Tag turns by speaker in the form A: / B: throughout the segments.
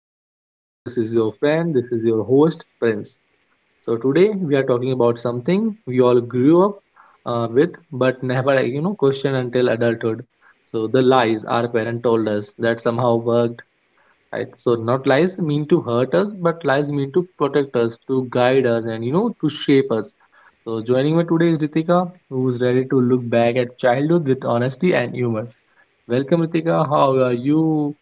A: our podcast. This is your friend, this is your host, Prince. So, today we are talking about something we all grew up with but never, like, you know, questioned until adulthood. So, the lies our parent told us that somehow worked. Right? So, not lies mean to hurt us, but lies mean to protect us, to guide us, and, you know, to shape us. So, joining me today is Ritika, who's ready to look back at childhood with honesty and humor. Welcome, Ritika. How are you?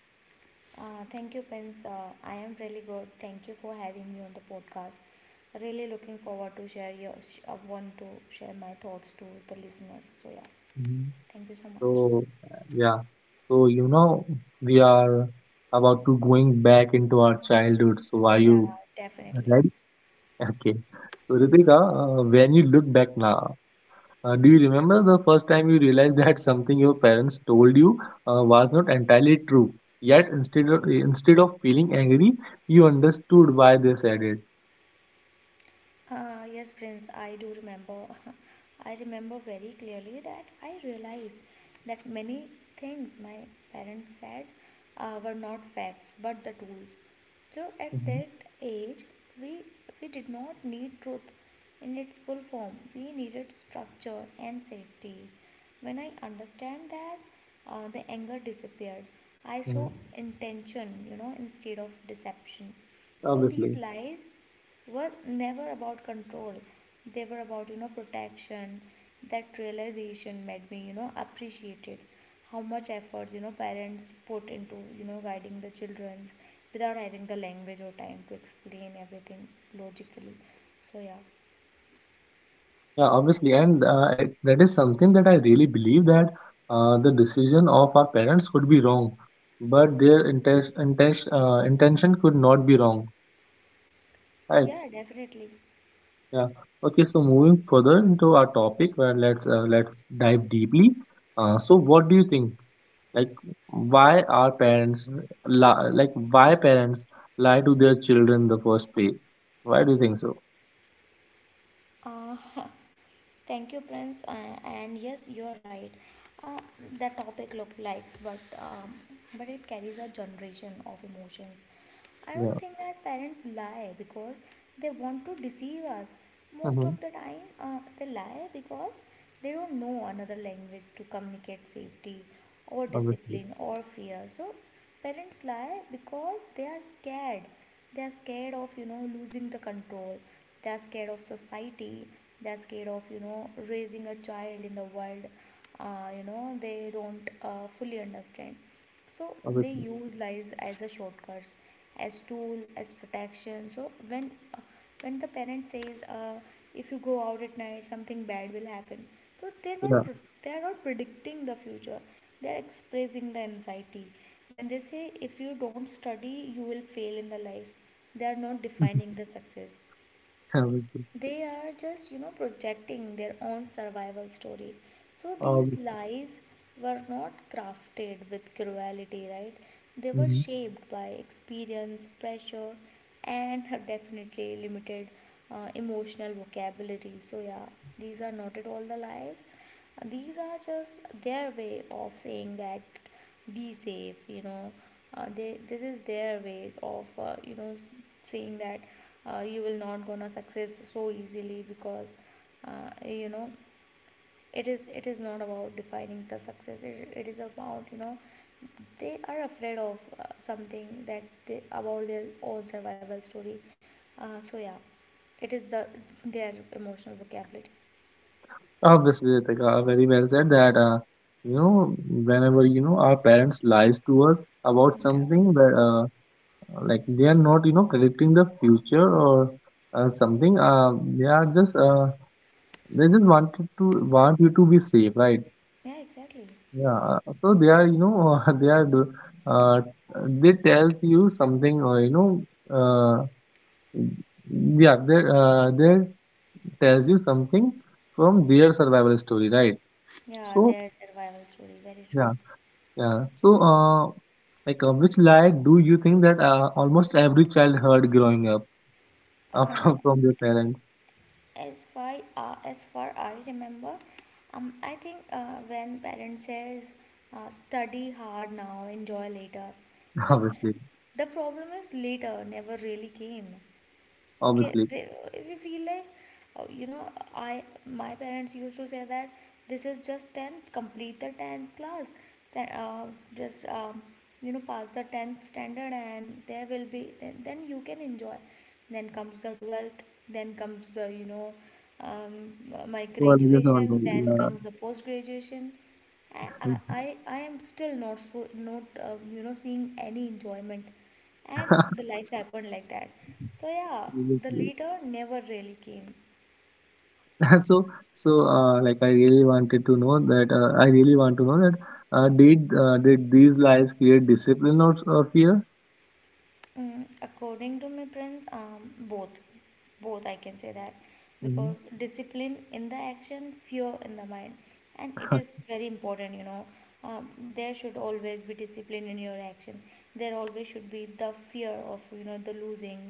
B: Thank you, Prince. I am really good. Thank you for having me on the podcast. Really looking forward to I want to share my thoughts to the listeners. So yeah, thank you so much.
A: So, yeah. So, you know, we are about to going back into our childhood. So, are
B: Yeah,
A: you
B: definitely.
A: ready? Okay. So, Ritika, when you look back now, do you remember the first time you realized that something your parents told you was not entirely true? Yet, instead of feeling angry, you understood why they said it.
B: Yes, Prince, I do remember. I remember very clearly that I realized that many things my parents said were not facts but the tools. So at
A: Mhm,
B: that age, we we did not need truth in its full form. We needed structure and safety. When I understand that, the anger disappeared. I
A: mhm.
B: saw intention, you know, instead of deception. So these
A: Obviously.
B: lies were never about control, they were about, you know, protection. That realization made me, you know, appreciated how much efforts, you know, parents put into, you know, guiding the children without having the language or time to explain everything logically. So yeah.
A: Yeah, obviously, and that is something that I really believe that the decision of our parents could be wrong, but their intention could not be wrong, right?
B: Yeah, definitely.
A: Yeah. Okay, so moving further into our topic, where let's dive deeply. So, what do you think? Like, why are parents like why parents lie to their children in the first place? Why do you think so?
B: Uh, huh. Thank you, Prince. And yes, you're right. Uh, the topic look like, but it carries a generation of emotions. I don't
A: Yeah.
B: think that parents lie because they want to deceive us. Most
A: Mm-hmm.
B: of the time, they lie because they don't know another language to communicate safety or
A: Obviously,
B: discipline or fear. So, parents lie because they are scared, they are scared of, you know, losing the control. They are scared of society, they are scared of, you know, raising a child in the world you know, they don't fully understand. So they
A: obviously.
B: use lies as a shortcuts, as tool, as protection. So when the parent says, if you go out at night something bad will happen, so
A: Yeah.
B: they are not predicting the future, they're expressing the anxiety. When they say if you don't study you will fail in the life, they are not defining the success,
A: Obviously.
B: they are just, you know, projecting their own survival story. So these
A: Obviously.
B: lies were not crafted with cruelty, right? They were
A: Mm-hmm.
B: shaped by experience, pressure, and definitely limited emotional vocabulary. So yeah, these are not at all the lies, these are just their way of saying that, be safe, you know. They this is their way of you know, saying that you will not gonna success so easily because you know, it is not about defining the success. It is about, you know, they are afraid of something that they about their own survival story. So yeah, it is the their emotional vocabulary.
A: Obviously, Ritika, very well said that, you know, whenever, you know, our parents lies to us about
B: Yeah.
A: something that, like they are not, you know, predicting the future or they are just, they just wanted to, want you to be safe, right?
B: Yeah, exactly.
A: Yeah. So they are, you know, uh, they tells you something or, you know, uh, they tells you something from their survival story, right?
B: Yeah,
A: So,
B: their survival story. Very
A: yeah. Yeah. So, like, which lie do you think that almost every child heard growing up
B: true.
A: from from their parents?
B: As far I remember, I think when parents says, study hard now, enjoy later. So
A: Obviously,
B: the problem is later never really came. Okay,
A: obviously.
B: they, if you feel like you know, I my parents used to say that, this is just 10th, complete the 10th class, then just you know, pass the 10th standard and there will be, then you can enjoy. Then comes the 12th, then comes the, you know, um, my
A: So I just want
B: graduation, then
A: to,
B: comes the post graduation.
A: yeah,
B: I am still not so not you know, seeing any enjoyment, and the life happened like that. So yeah, the
A: obviously.
B: leader never really came.
A: So, so, like, I really wanted to know that. I really want to know that. Did these lies create discipline or fear?
B: Mm, according to my friends, both, both I can say that, because
A: Hmm.
B: discipline in the action, fear in the mind, and it is very important, you know. There should always be discipline in your action, there always should be the fear of, you know, the losing,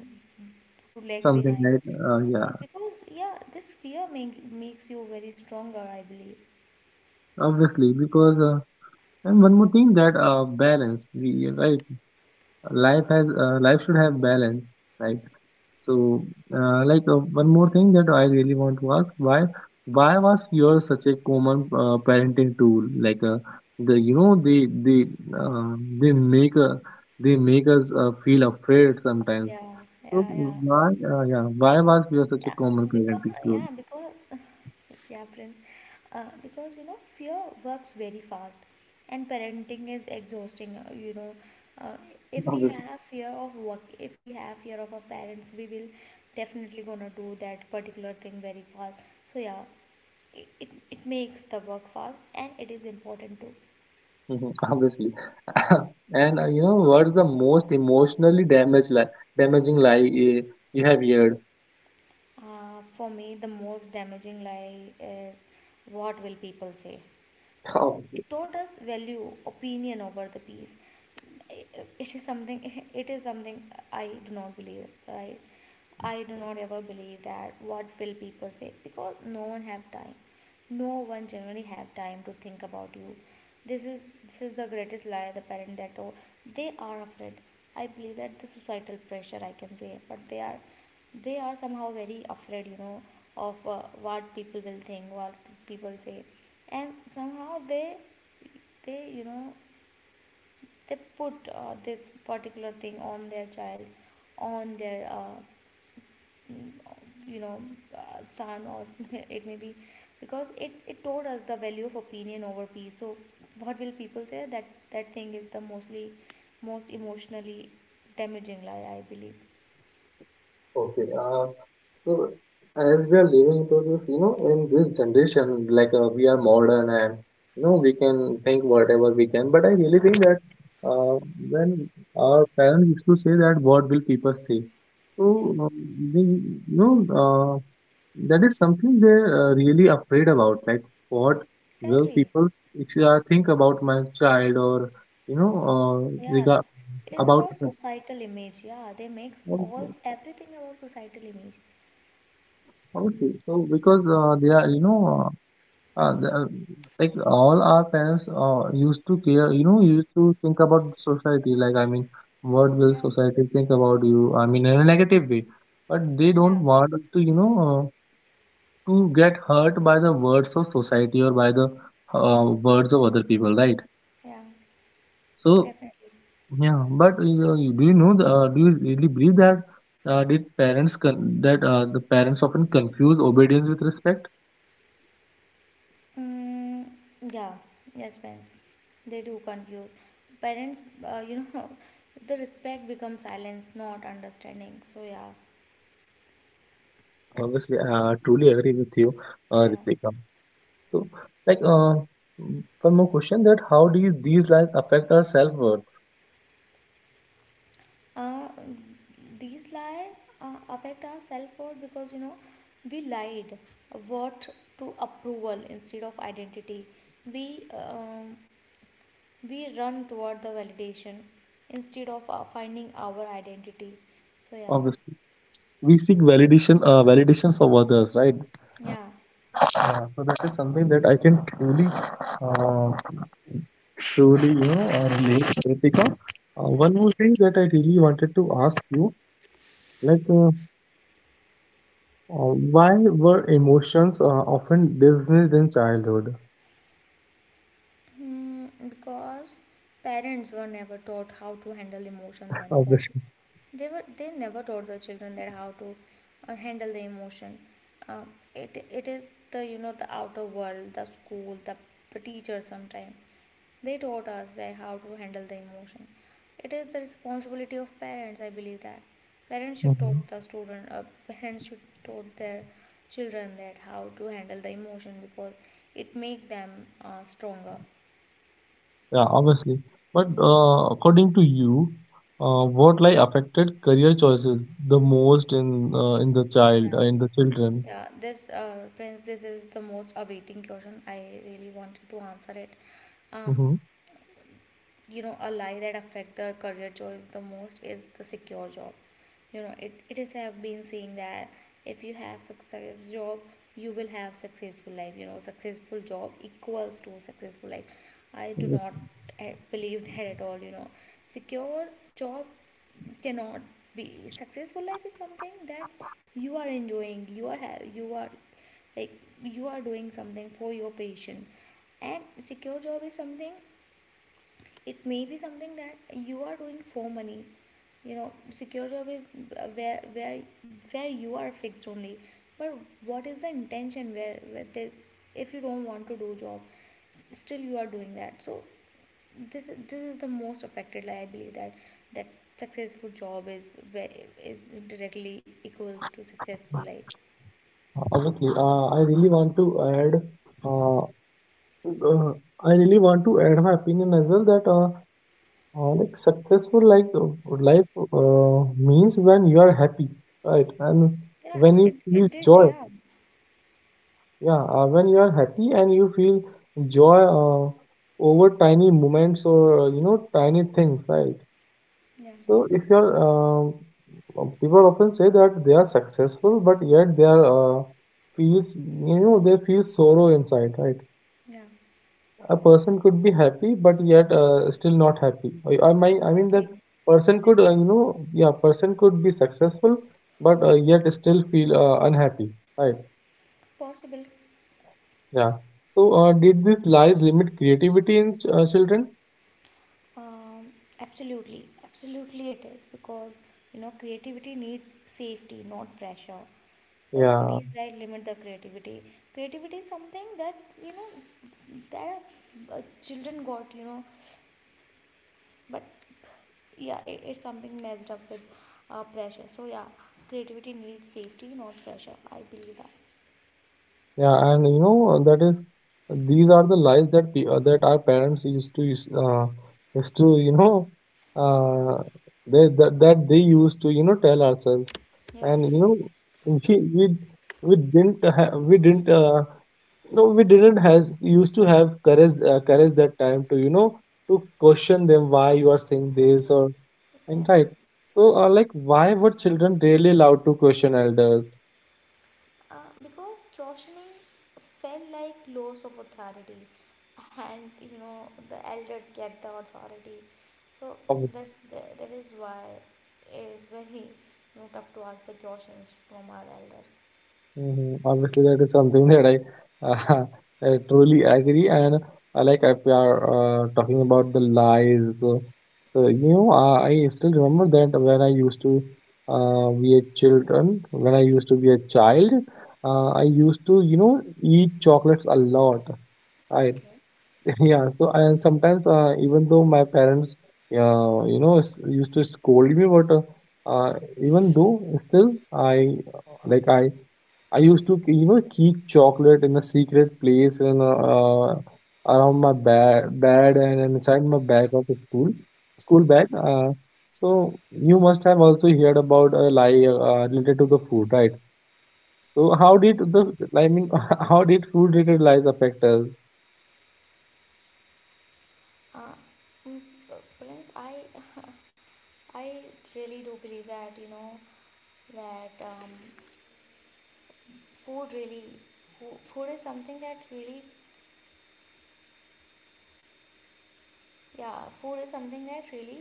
B: to lag
A: Something
B: behind,
A: like, yeah,
B: because yeah, this makes you very stronger, I believe.
A: obviously, because. And one more thing that balance, we right? Life has life should have balance, right? So like one more thing that I really want to ask why was your such a common parenting tool like the you know uh, they make uh, they make us feel afraid sometimes.
B: yeah
A: So
B: yeah yeah.
A: why was your such a
B: Yeah,
A: common parenting tool.
B: yeah, because yeah, friends. Because you know, fear works very fast, and parenting is exhausting. You know, uh, if we
A: Obviously.
B: have fear of work, if we have fear of our parents, we will definitely gonna do that particular thing very fast. So yeah, it it, it makes the work fast, and it is important too.
A: Mhm, obviously. And you know what's the most damaging lie uh, you have
B: For me, the most damaging lie is, what will people say.
A: heard?
B: It taught us value opinion over the peace. it is something it is something I do not believe, right? I do not ever believe that what will people say, because no one have time, no one generally have time to think about you. this is this is the greatest lie the parent, that oh, they are afraid. I believe that the societal pressure I can say, but they are somehow very afraid, you know, of what people will think, what people say, and somehow they, you know, they put this particular thing on their child, on their mm, you know, son or it may be, because it taught us the value of opinion over peace. So what will people say, that thing is the most emotionally damaging lie, I believe.
A: Okay. So as we are living to this, you know, in this generation, like we are modern and you know we can think whatever we can. But I really
B: Yeah,
A: think that uh, when our parents used to say that, what will people say? So
B: yeah,
A: they, you know, that is something they're really afraid about. Like what will
B: exactly.
A: people think about my child or you know
B: Yeah,
A: regard
B: it is
A: about
B: about societal image. Yeah, they makes all
A: her.
B: everything about societal image.
A: Okay, so because they are, you know, uh, uh, the- uh, like all our parents used to care, you know, used to think about society. Like, I mean, what will
B: Yeah,
A: society think about you? I mean, in a negative way. But they
B: yeah,
A: don't want us to, you know, to get hurt by the words of society or by the words of other people, right?
B: yeah,
A: So,
B: definitely.
A: yeah, but do you know, the, do you really believe that did parents con that the parents often confuse obedience with respect?
B: Mm, yeah, yes, parents. They do confuse. Parents, you know, the respect becomes silence, not understanding. So, yeah,
A: Obviously, I truly agree with you,
B: yeah.
A: Ritika. So, like, one more question that how do you, these like affect our self-worth?
B: Uh, these lie affect our self worth because, you know, we lied what to approval instead of identity. We, um, we run toward the validation instead of finding our identity. So, yeah,
A: Obviously, we seek validation, validations of others, right?
B: yeah,
A: So that is something that I can truly, uh, truly, you know, relate, Ritika.
B: yeah.
A: One more thing that I really wanted to ask you, like, why were emotions often dismissed in childhood?
B: Hmm, because parents were never taught how to handle emotion themselves.
A: Obviously.
B: They never taught the children that how to handle the emotion. Um, it is the, you know, the outer world, the school, the teacher sometimes. They taught us that how to handle the emotion. It is the responsibility of parents. I believe that parents should
A: Mm-hmm.
B: taught the student. Parents should taught their children that how to handle the emotion, because it make them stronger.
A: Yeah, obviously. But according to you, what like affected career choices the most in the child
B: Yeah,
A: in the children?
B: yeah. This, Prince, this is the most awaiting question. I really wanted to answer it. Um,
A: Hmm.
B: you know, a lie that affect the career choice the most is the secure job. You know, it is have been saying that, if you have success job you will have successful life. You know, successful job equals to successful life. I do not believe that at all, you know. Secure job cannot be. Successful life is something that you are enjoying, you are have, you are like, you are doing something for your patient. And secure job is something, it may be something that you are doing for money. You know, secure job is where where where you are fixed only. But what is the intention, where this, if you don't want to do job still you are doing that. So this is, this is the most affected, like I believe that that successful job is very is directly equals to successful life.
A: Obviously, I really want to add. Uh, uh, I really want to add my opinion as well that like successful like life uh, means when you are happy, right? And
B: Yeah,
A: when you
B: it,
A: feel
B: it did,
A: joy.
B: yeah.
A: Yeah, when you are happy and you feel joy over tiny moments or you know tiny things, right?
B: Yeah,
A: So if you're people often say that they are successful, but yet they are feels you know they feel sorrow inside, right?
B: yeah.
A: A person could be happy, but yet still not happy. I mean that
B: Exactly,
A: person could
B: exactly.
A: you know yeah person could be successful, but yet still feel unhappy, right?
B: Possible.
A: Yeah. So, did these lies limit creativity in ch children?
B: Um, Absolutely, absolutely it is, because you know creativity needs safety, not pressure. So
A: Yeah.
B: these guys limit the creativity. Creativity is something that, you know, that children got, you know, but yeah, it's something messed up with pressure. So yeah, creativity needs safety, not pressure. I believe that.
A: Yeah, and you know that is these are the lies that pe that our parents used to use used to you know uh, they that, that they used to you know tell ourselves,
B: Yeah.
A: and you know we we we didn't ha we didn't no we didn't has used to have courage that time to you know to question them why you are saying this
B: Exactly.
A: or and
B: Exactly.
A: right. So like why were children really allowed to question elders.
B: Because questioning felt like loss of authority, and you know the elders get the authority. So that is why it is very, you know, tough to ask the questions from our elders.
A: Mhm. Obviously, that is something that I truly agree. And like if we are talking about the lies, so, so you know, I still remember that when I used to when I used to be a child, I used to you know eat chocolates a lot. I
B: Okay.
A: yeah. So and sometimes even though my parents used to scold me, but uh, even though still I. I used to, you know, keep chocolate in a secret place and around my ba bed and inside my bag of school, school bag. So you must have also heard about a lie related to the food, right? So how did the, I mean, how did food-related lies affect us?
B: Uh, mm, Prince, I I really do believe that, you know, that food really food is something that really. Yeah, food is something that really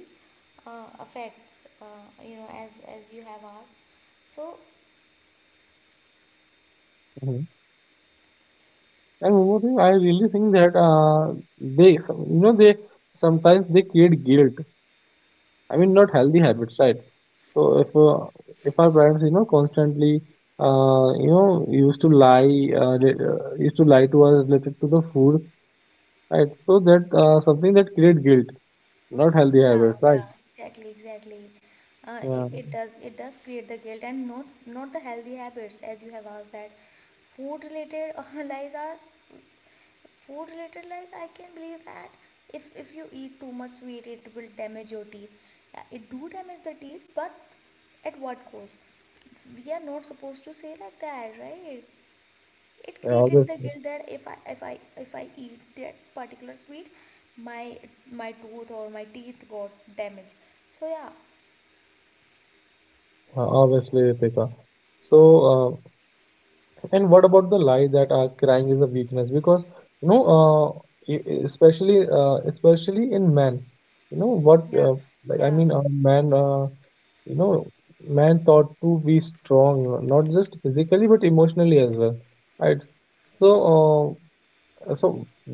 B: affects, you know, as you have asked. So,
A: Mhm. And one more thing, I really think that they, you know, they sometimes they create guilt. I mean, not healthy habits, right? So if our parents, you know, constantly, you know, used to lie, used to lie to us related to the food, right? So that something that create guilt, not healthy
B: yeah,
A: habits, right?
B: yeah, exactly, exactly.
A: Yeah,
B: It does, create the guilt and not, not the healthy habits, as you have asked that food related lies are food related lies. I can believe that, if you eat too much sweet, it will damage your teeth. Yeah, it do damage the teeth, but at what cost? We are not supposed to say like that, right? It
A: yeah
B: created the
A: obviously,
B: guilt that if I eat that particular sweet, my my tooth or my teeth got damaged. So yeah.
A: obviously, Ritika. So. And what about the lie that crying is a weakness? Because you know, especially in men, you know what?
B: Yeah.
A: Like I
B: Yeah,
A: mean, you know, man thought to be strong, not just physically but emotionally as well, right? So. So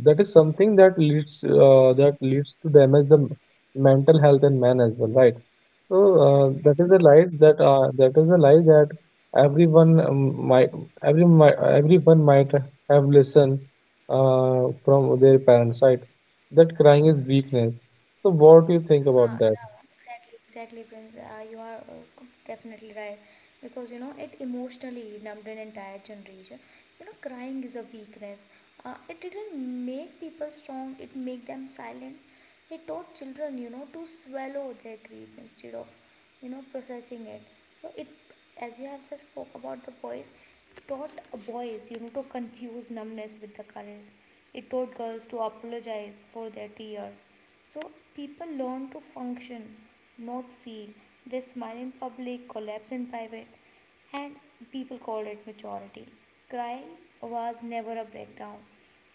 A: that is something that leads to damage the mental health in men as well, right? So
B: yeah,
A: that
B: exactly.
A: is a lie that that is a lie that everyone might everyone might have listened from their parents, right? That crying is weakness. So what do you think about that?
B: Yeah, exactly, exactly, Prince. You are definitely right, because you know it emotionally numbed an entire generation. You know, crying is a weakness. It didn't make people strong; it made them silent. It taught children, you know, to swallow their grief instead of, you know, processing it. So it, as you have just spoke about the boys, it taught boys, you know, to confuse numbness with the courage. It taught girls to apologize for their tears. So people learn to function, not feel. They smile in public, collapse in private, and people call it maturity. Cry was never a breakdown.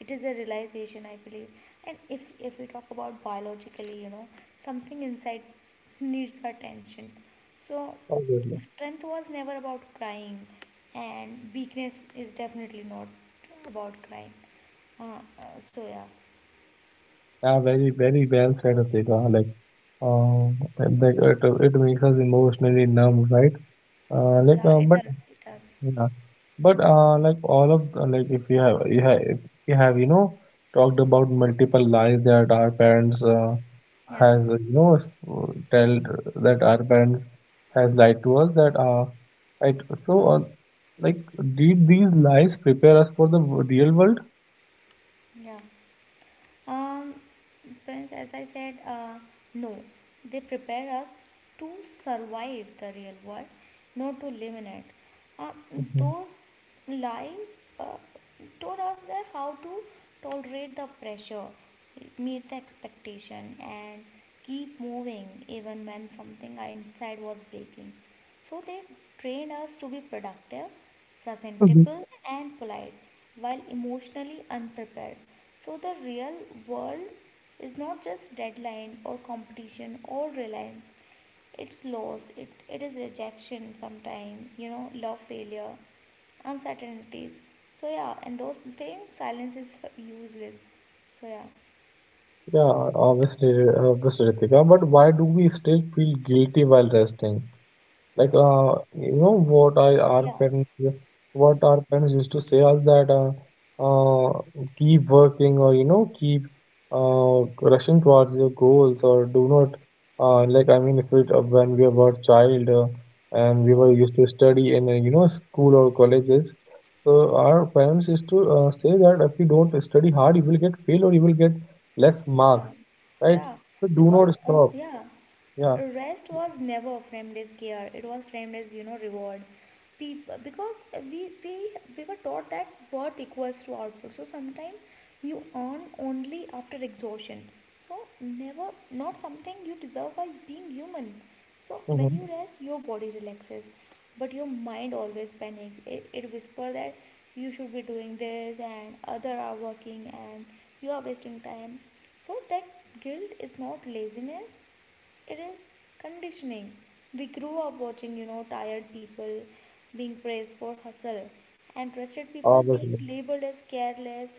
B: It is a realization, I believe. And if we talk about biologically, you know, something inside needs attention. So
A: Obviously.
B: strength was never about crying, and weakness is definitely not about crying. Uh, uh, so yeah,
A: Yeah, very very well said, Atika. Uh, like it, it makes us emotionally numb, right?
B: yeah,
A: But
B: it does,
A: Yeah. But like all of like if you have you have if you have you know talked about multiple lies that our parents
B: yeah.
A: has you know s- tell that our parents has lied to us that right. So like did these lies prepare us for the real world?
B: Yeah. Um, Prince, as I said, no. They prepare us to survive the real world, not to live in it. Uh,
A: Mhm.
B: those lies taught us that how to tolerate the pressure, meet the expectation, and keep moving even when something inside was breaking. So they trained us to be productive
A: Mhm.
B: presentable, and polite, while emotionally unprepared. So, the real world is not just deadline or competition or reliance, it's loss, it is rejection sometimes, you know, love failure, uncertainties. So, yeah, and those things, silence is useless. So, yeah,
A: Yeah, obviously, obviously, Ritika. But why do we still feel guilty while resting? Like, you know what I our
B: yeah.
A: parents what our parents used to say us that uh, keep working or you know keep rushing towards your goals or do not like I mean if it when we were child and we
B: Yeah.
A: were used to study in you know school or colleges. So our parents used to say that if you don't study hard, you will get fail or you will get less
B: Yeah,
A: marks, right?
B: yeah,
A: So do
B: because
A: not stop.
B: yeah,
A: Yeah.
B: rest was never framed as care. It was framed as you know reward. People because we we were taught that worth equals to output. So sometimes you earn only after exhaustion. So never not something you deserve by being human. So when you rest, your body relaxes, but your mind always panics. It whispers that you should be doing this and other are working and you are wasting time so that guilt is not laziness, it is conditioning. We grew up watching you know tired people being praised for hustle and rested people being
A: Mm-hmm.
B: labeled as careless,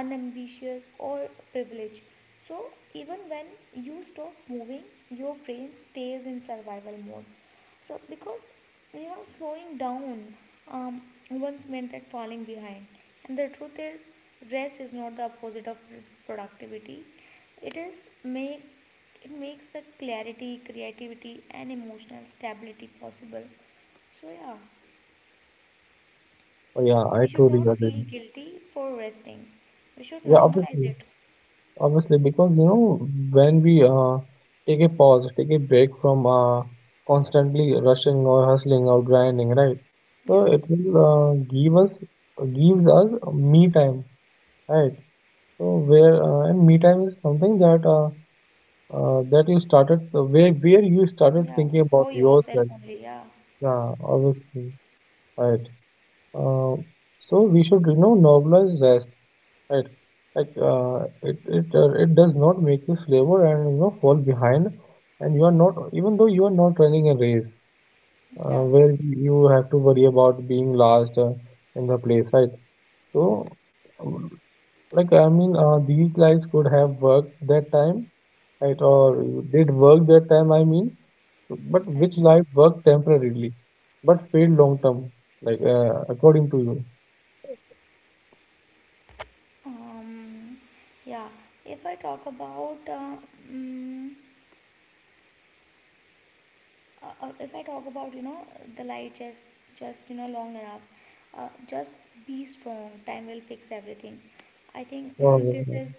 B: unambitious or privileged. So even when you stop moving, your brain stays in survival mode, so because you know slowing down, um, once meant that falling behind, and the truth is rest is not the opposite of productivity. It is make it makes the clarity, creativity, and emotional stability possible. So yeah,
A: Oh, yeah, I
B: we should
A: totally
B: not
A: agree.
B: feel guilty for resting. We should
A: Yeah,
B: normalize
A: obviously,
B: it.
A: obviously, because when we take a pause, take a break from constantly rushing or hustling or grinding, right? So
B: Yeah,
A: it will gives us me time, right? So where and me time is something that that you started where you started
B: yeah,
A: thinking
B: for
A: about
B: yourself
A: yourself.
B: only. Yeah,
A: Yeah, obviously, right. Uh, so we should, you know, normalize rest, right? It it does not make you flavor and, you know, fall behind, and you are not even though you are not running a race
B: yeah,
A: where you have to worry about being last in the place, right? So, um, I mean, these lights could have worked that time, right? Or did work that time, I mean, but
B: yeah.
A: which light worked temporarily, but failed long term, according to you?
B: Um, yeah, if I talk about mm if I talk about you know the light, just you know long enough, just be strong. Time will fix everything. I think
A: Uh,
B: this is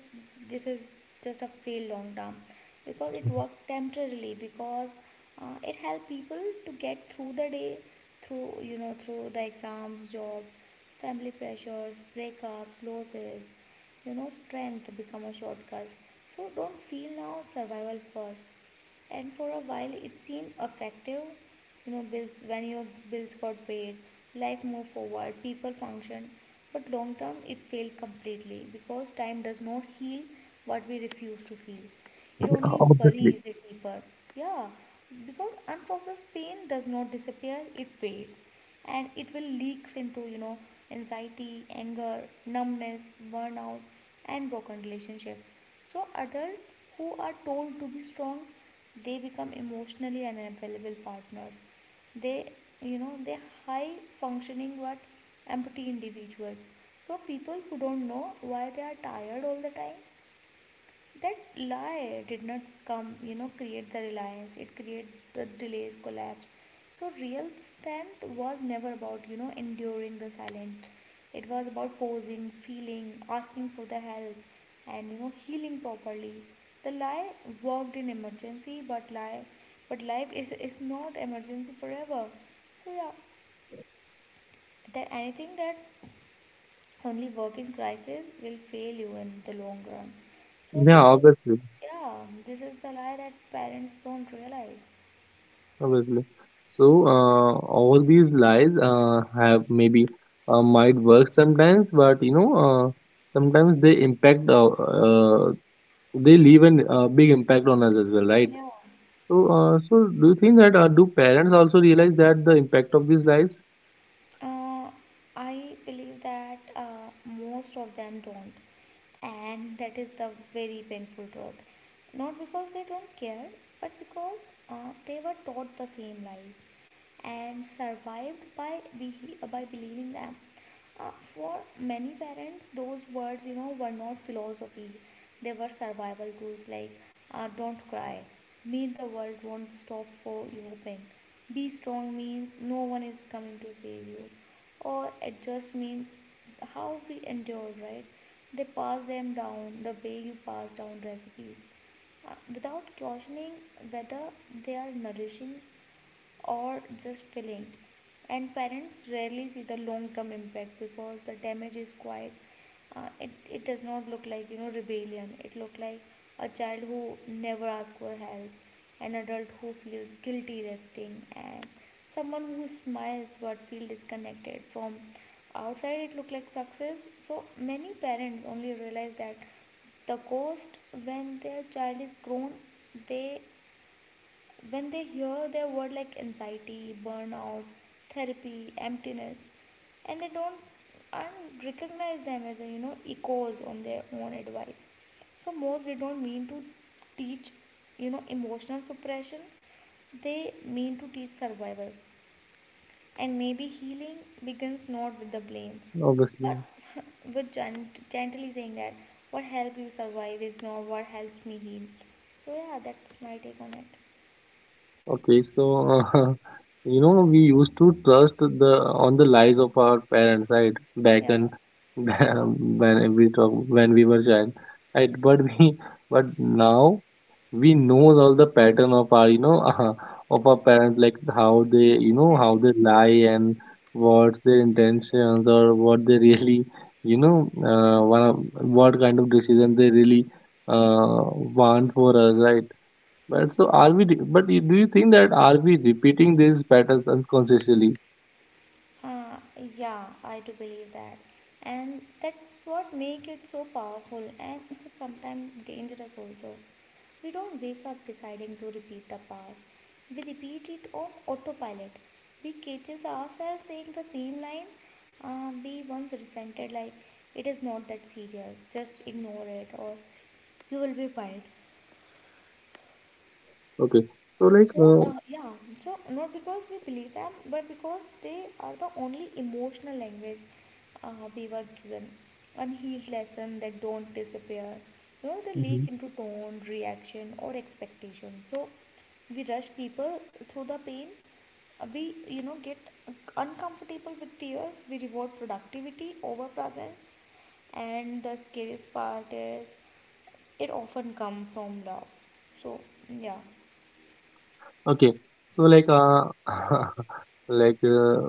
B: this is just a fail long term because it worked temporarily because it helped people to get through the day through you know through the exams, job, family pressures, breakups, losses. You know strength become a shortcut. So don't feel now survival first, and for a while it seemed effective, you know bills when your bills got paid, life moved forward, people functioned, but long term it failed completely because time does not heal what we refuse to feel, it only
A: Obviously,
B: buries it deeper. Yeah, because unprocessed pain does not disappear, it fades and it will leaks into, you know, anxiety, anger, numbness, burnout and broken relationship. So adults who are told to be strong, they become emotionally unavailable partners. They, you know, they high functioning but empty individuals. So people who don't know why they are tired all the time, that lie did not come you know create the reliance, it created the delays collapse. So real strength was never about you know enduring the silent, it was about posing, feeling, asking for the help and you know healing properly. The lie worked in emergency but lie but life is not emergency forever. So yeah, that anything that only working crisis will fail you in the long run. So
A: yeah,
B: this is,
A: obviously,
B: yeah, this is the lie that parents don't realize.
A: obviously. So, all these lies have maybe might work sometimes, but, you know, sometimes they impact. They leave a big impact on us as well, right?
B: Yeah,
A: So, so do you think that do parents also realize that the impact of these lies?
B: uh, I believe that most of them don't, and that is the very painful truth, not because they don't care but because they were taught the same lies and survived by by believing them. For many parents, those words, you know, were not philosophy. They were survival tools like don't cry, meet the world won't stop for you Pain. Be strong means no one is coming to save you, or adjust means how we endured, right? They pass them down the way you pass down recipes without questioning whether they are nourishing or just filling, and parents rarely see the long term impact because the damage is quite it does not look like you know rebellion, it look like a child who never asks for help, an adult who feels guilty resting, and someone who smiles but feel disconnected from outside. It look like success. So many parents only realize that the cost when their child is grown, they, when they hear their word like anxiety, burnout, therapy, emptiness, and they don't aren't recognize them as a, you know, echoes on their own advice. So most they don't mean to teach you know emotional suppression. They mean to teach survival, and maybe healing begins not with the blame,
A: Obviously.
B: but with gently saying that what helped you survive is not what helps me heal. So yeah, that's my take on it.
A: Okay, so you know we used to trust the on the lies of our parents, right? Back
B: Yeah.
A: in when we were child, right? But we but now we know all the pattern of our, you know, of our parents, like how they, you know, how
B: Exactly.
A: they lie and what's their intentions, or what they really, you know, what kind of decision they really uh, want for us, right? But do you think that are we repeating these patterns unconsciously?
B: Uh, yeah, I do believe that. And that's what make it so powerful and sometimes dangerous also. We don't wake up deciding to repeat the past. We repeat it on autopilot. We catches ourselves saying the same line we once resented, like it is not that serious, just ignore it or you will be fine.
A: Okay. So like,
B: So, yeah, so not because we believe them, but because they are the only emotional language we were given. Unhealed lessons that don't disappear. You know, they
A: Mhm.
B: leak into tone, reaction, or expectation. So, we rush people through the pain. We, you know, get uncomfortable with tears. We reward productivity over presence. And the scariest part is it often comes from love. So, yeah,
A: Okay. So like, like uh,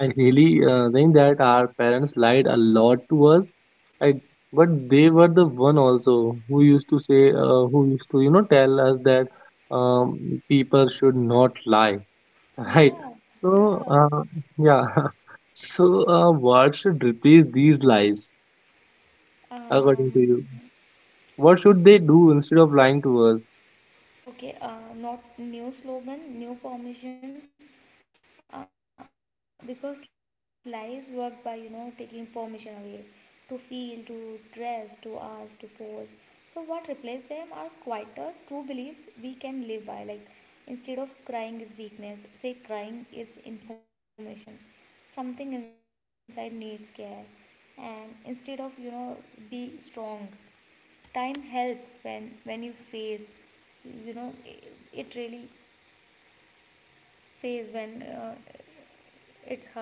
A: I really think that our parents lied a lot to us. I But they were the one also who used to say, who used to, you know, tell us that um, people should not lie. Right.
B: yeah,
A: So
B: yeah.
A: yeah. So what should replace these lies according to you?
B: um
A: What should they do instead of lying to us?
B: okay, not new slogan, new permissions, because lies work by you know taking permission away to feel, to dress, to ask, to pose. So what replace them are quieter true beliefs we can live by, like instead of crying is weakness, say crying is information, something inside needs care. And instead of you know be strong, time helps when you face, you know, it really face when it's hurting, right?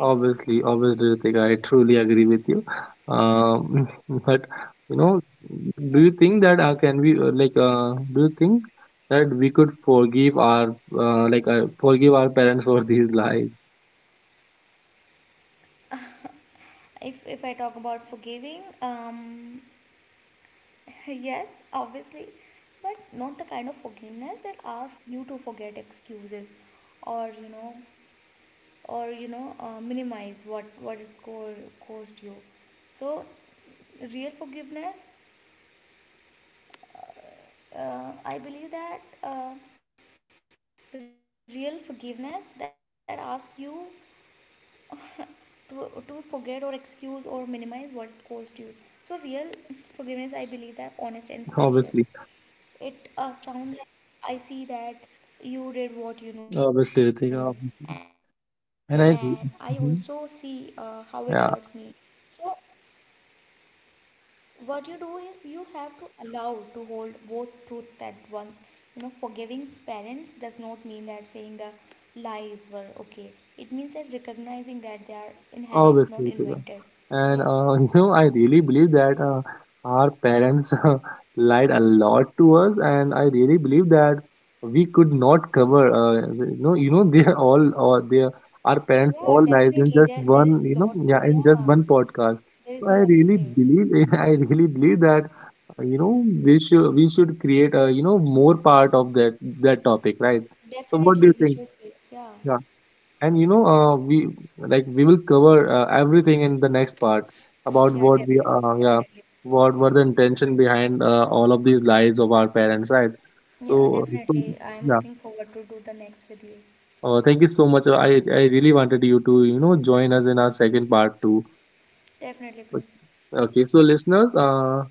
A: Obviously, obviously, Ritika, I truly agree with you. But you
B: Yeah,
A: know, do you think that can we do you think that we could forgive our like forgive our parents for these lies?
B: if I talk about forgiving, yes, obviously, but not the kind of forgiveness that asks you to forget excuses or you know or you know minimize what it caused you. So real forgiveness, I believe that real forgiveness that asks you to forget or excuse or minimize what it caused you. So real forgiveness, I believe that honest and spacious. It
A: Obviously,
B: sounds like I see that you did what you know, and I
A: obviously,
B: also
A: Ritika,
B: see
A: obviously.
B: how it hurts me.
A: And I,
B: So
A: Mhm. Yeah.
B: what you do is you have to allow to hold both truth at once. You know forgiving parents does not mean that saying the lies were okay, it means that recognizing that they are inherent not invented. So yeah,
A: Obviously, Ritika. And you know, I really believe that our parents lied a lot to us, and I really believe that we could not cover. You know, they are all, or they are, our
B: yeah,
A: parents all
B: definitely,
A: lies
B: there
A: in
B: there
A: just
B: is lot
A: one.
B: to,
A: You know, yeah,
B: yeah,
A: in just one podcast.
B: there is more
A: So
B: to
A: I
B: say.
A: really believe, I really believe that you know, we should create a, you know, more part of that that topic, right? So what
B: Definitely
A: do you
B: we
A: think?
B: should be, yeah.
A: Yeah. And you know, we like we will cover everything in the next part about
B: Yeah,
A: what we
B: definitely,
A: yeah,
B: definitely.
A: what were the intention behind all of these lies of our parents, right?
B: Yeah,
A: So, so,
B: definitely, I am
A: yeah,
B: looking forward to do the next with you.
A: thank you so much. I really wanted you to, you know, join us in our second part too.
B: Definitely, please.
A: Okay, so listeners, uh,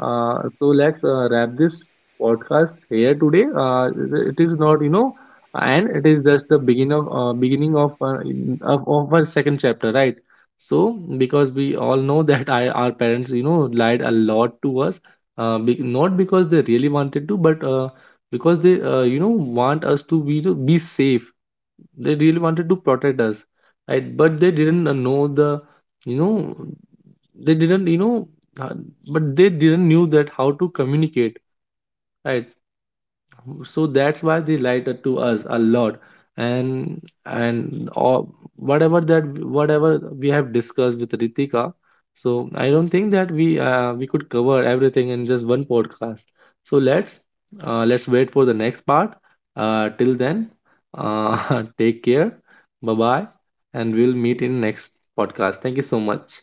A: uh, so let's wrap this podcast here today. It is not, you know, and it is just the beginning of, of our second chapter, right? So because we all know that our parents, you know, lied a lot to us, not because they really wanted to, but because they, you know, want us to be safe. They really wanted to protect us, right? But they didn't know the, you know, they didn't, you know, uh, but they didn't knew that how to communicate, right? So that's why they lied to us a lot. And whatever that whatever we have discussed with Ritika, so I don't think that we could cover everything in just one podcast. So let's wait for the next part. Uh, till then, take care, bye bye, and we'll meet in next podcast. Thank you so much.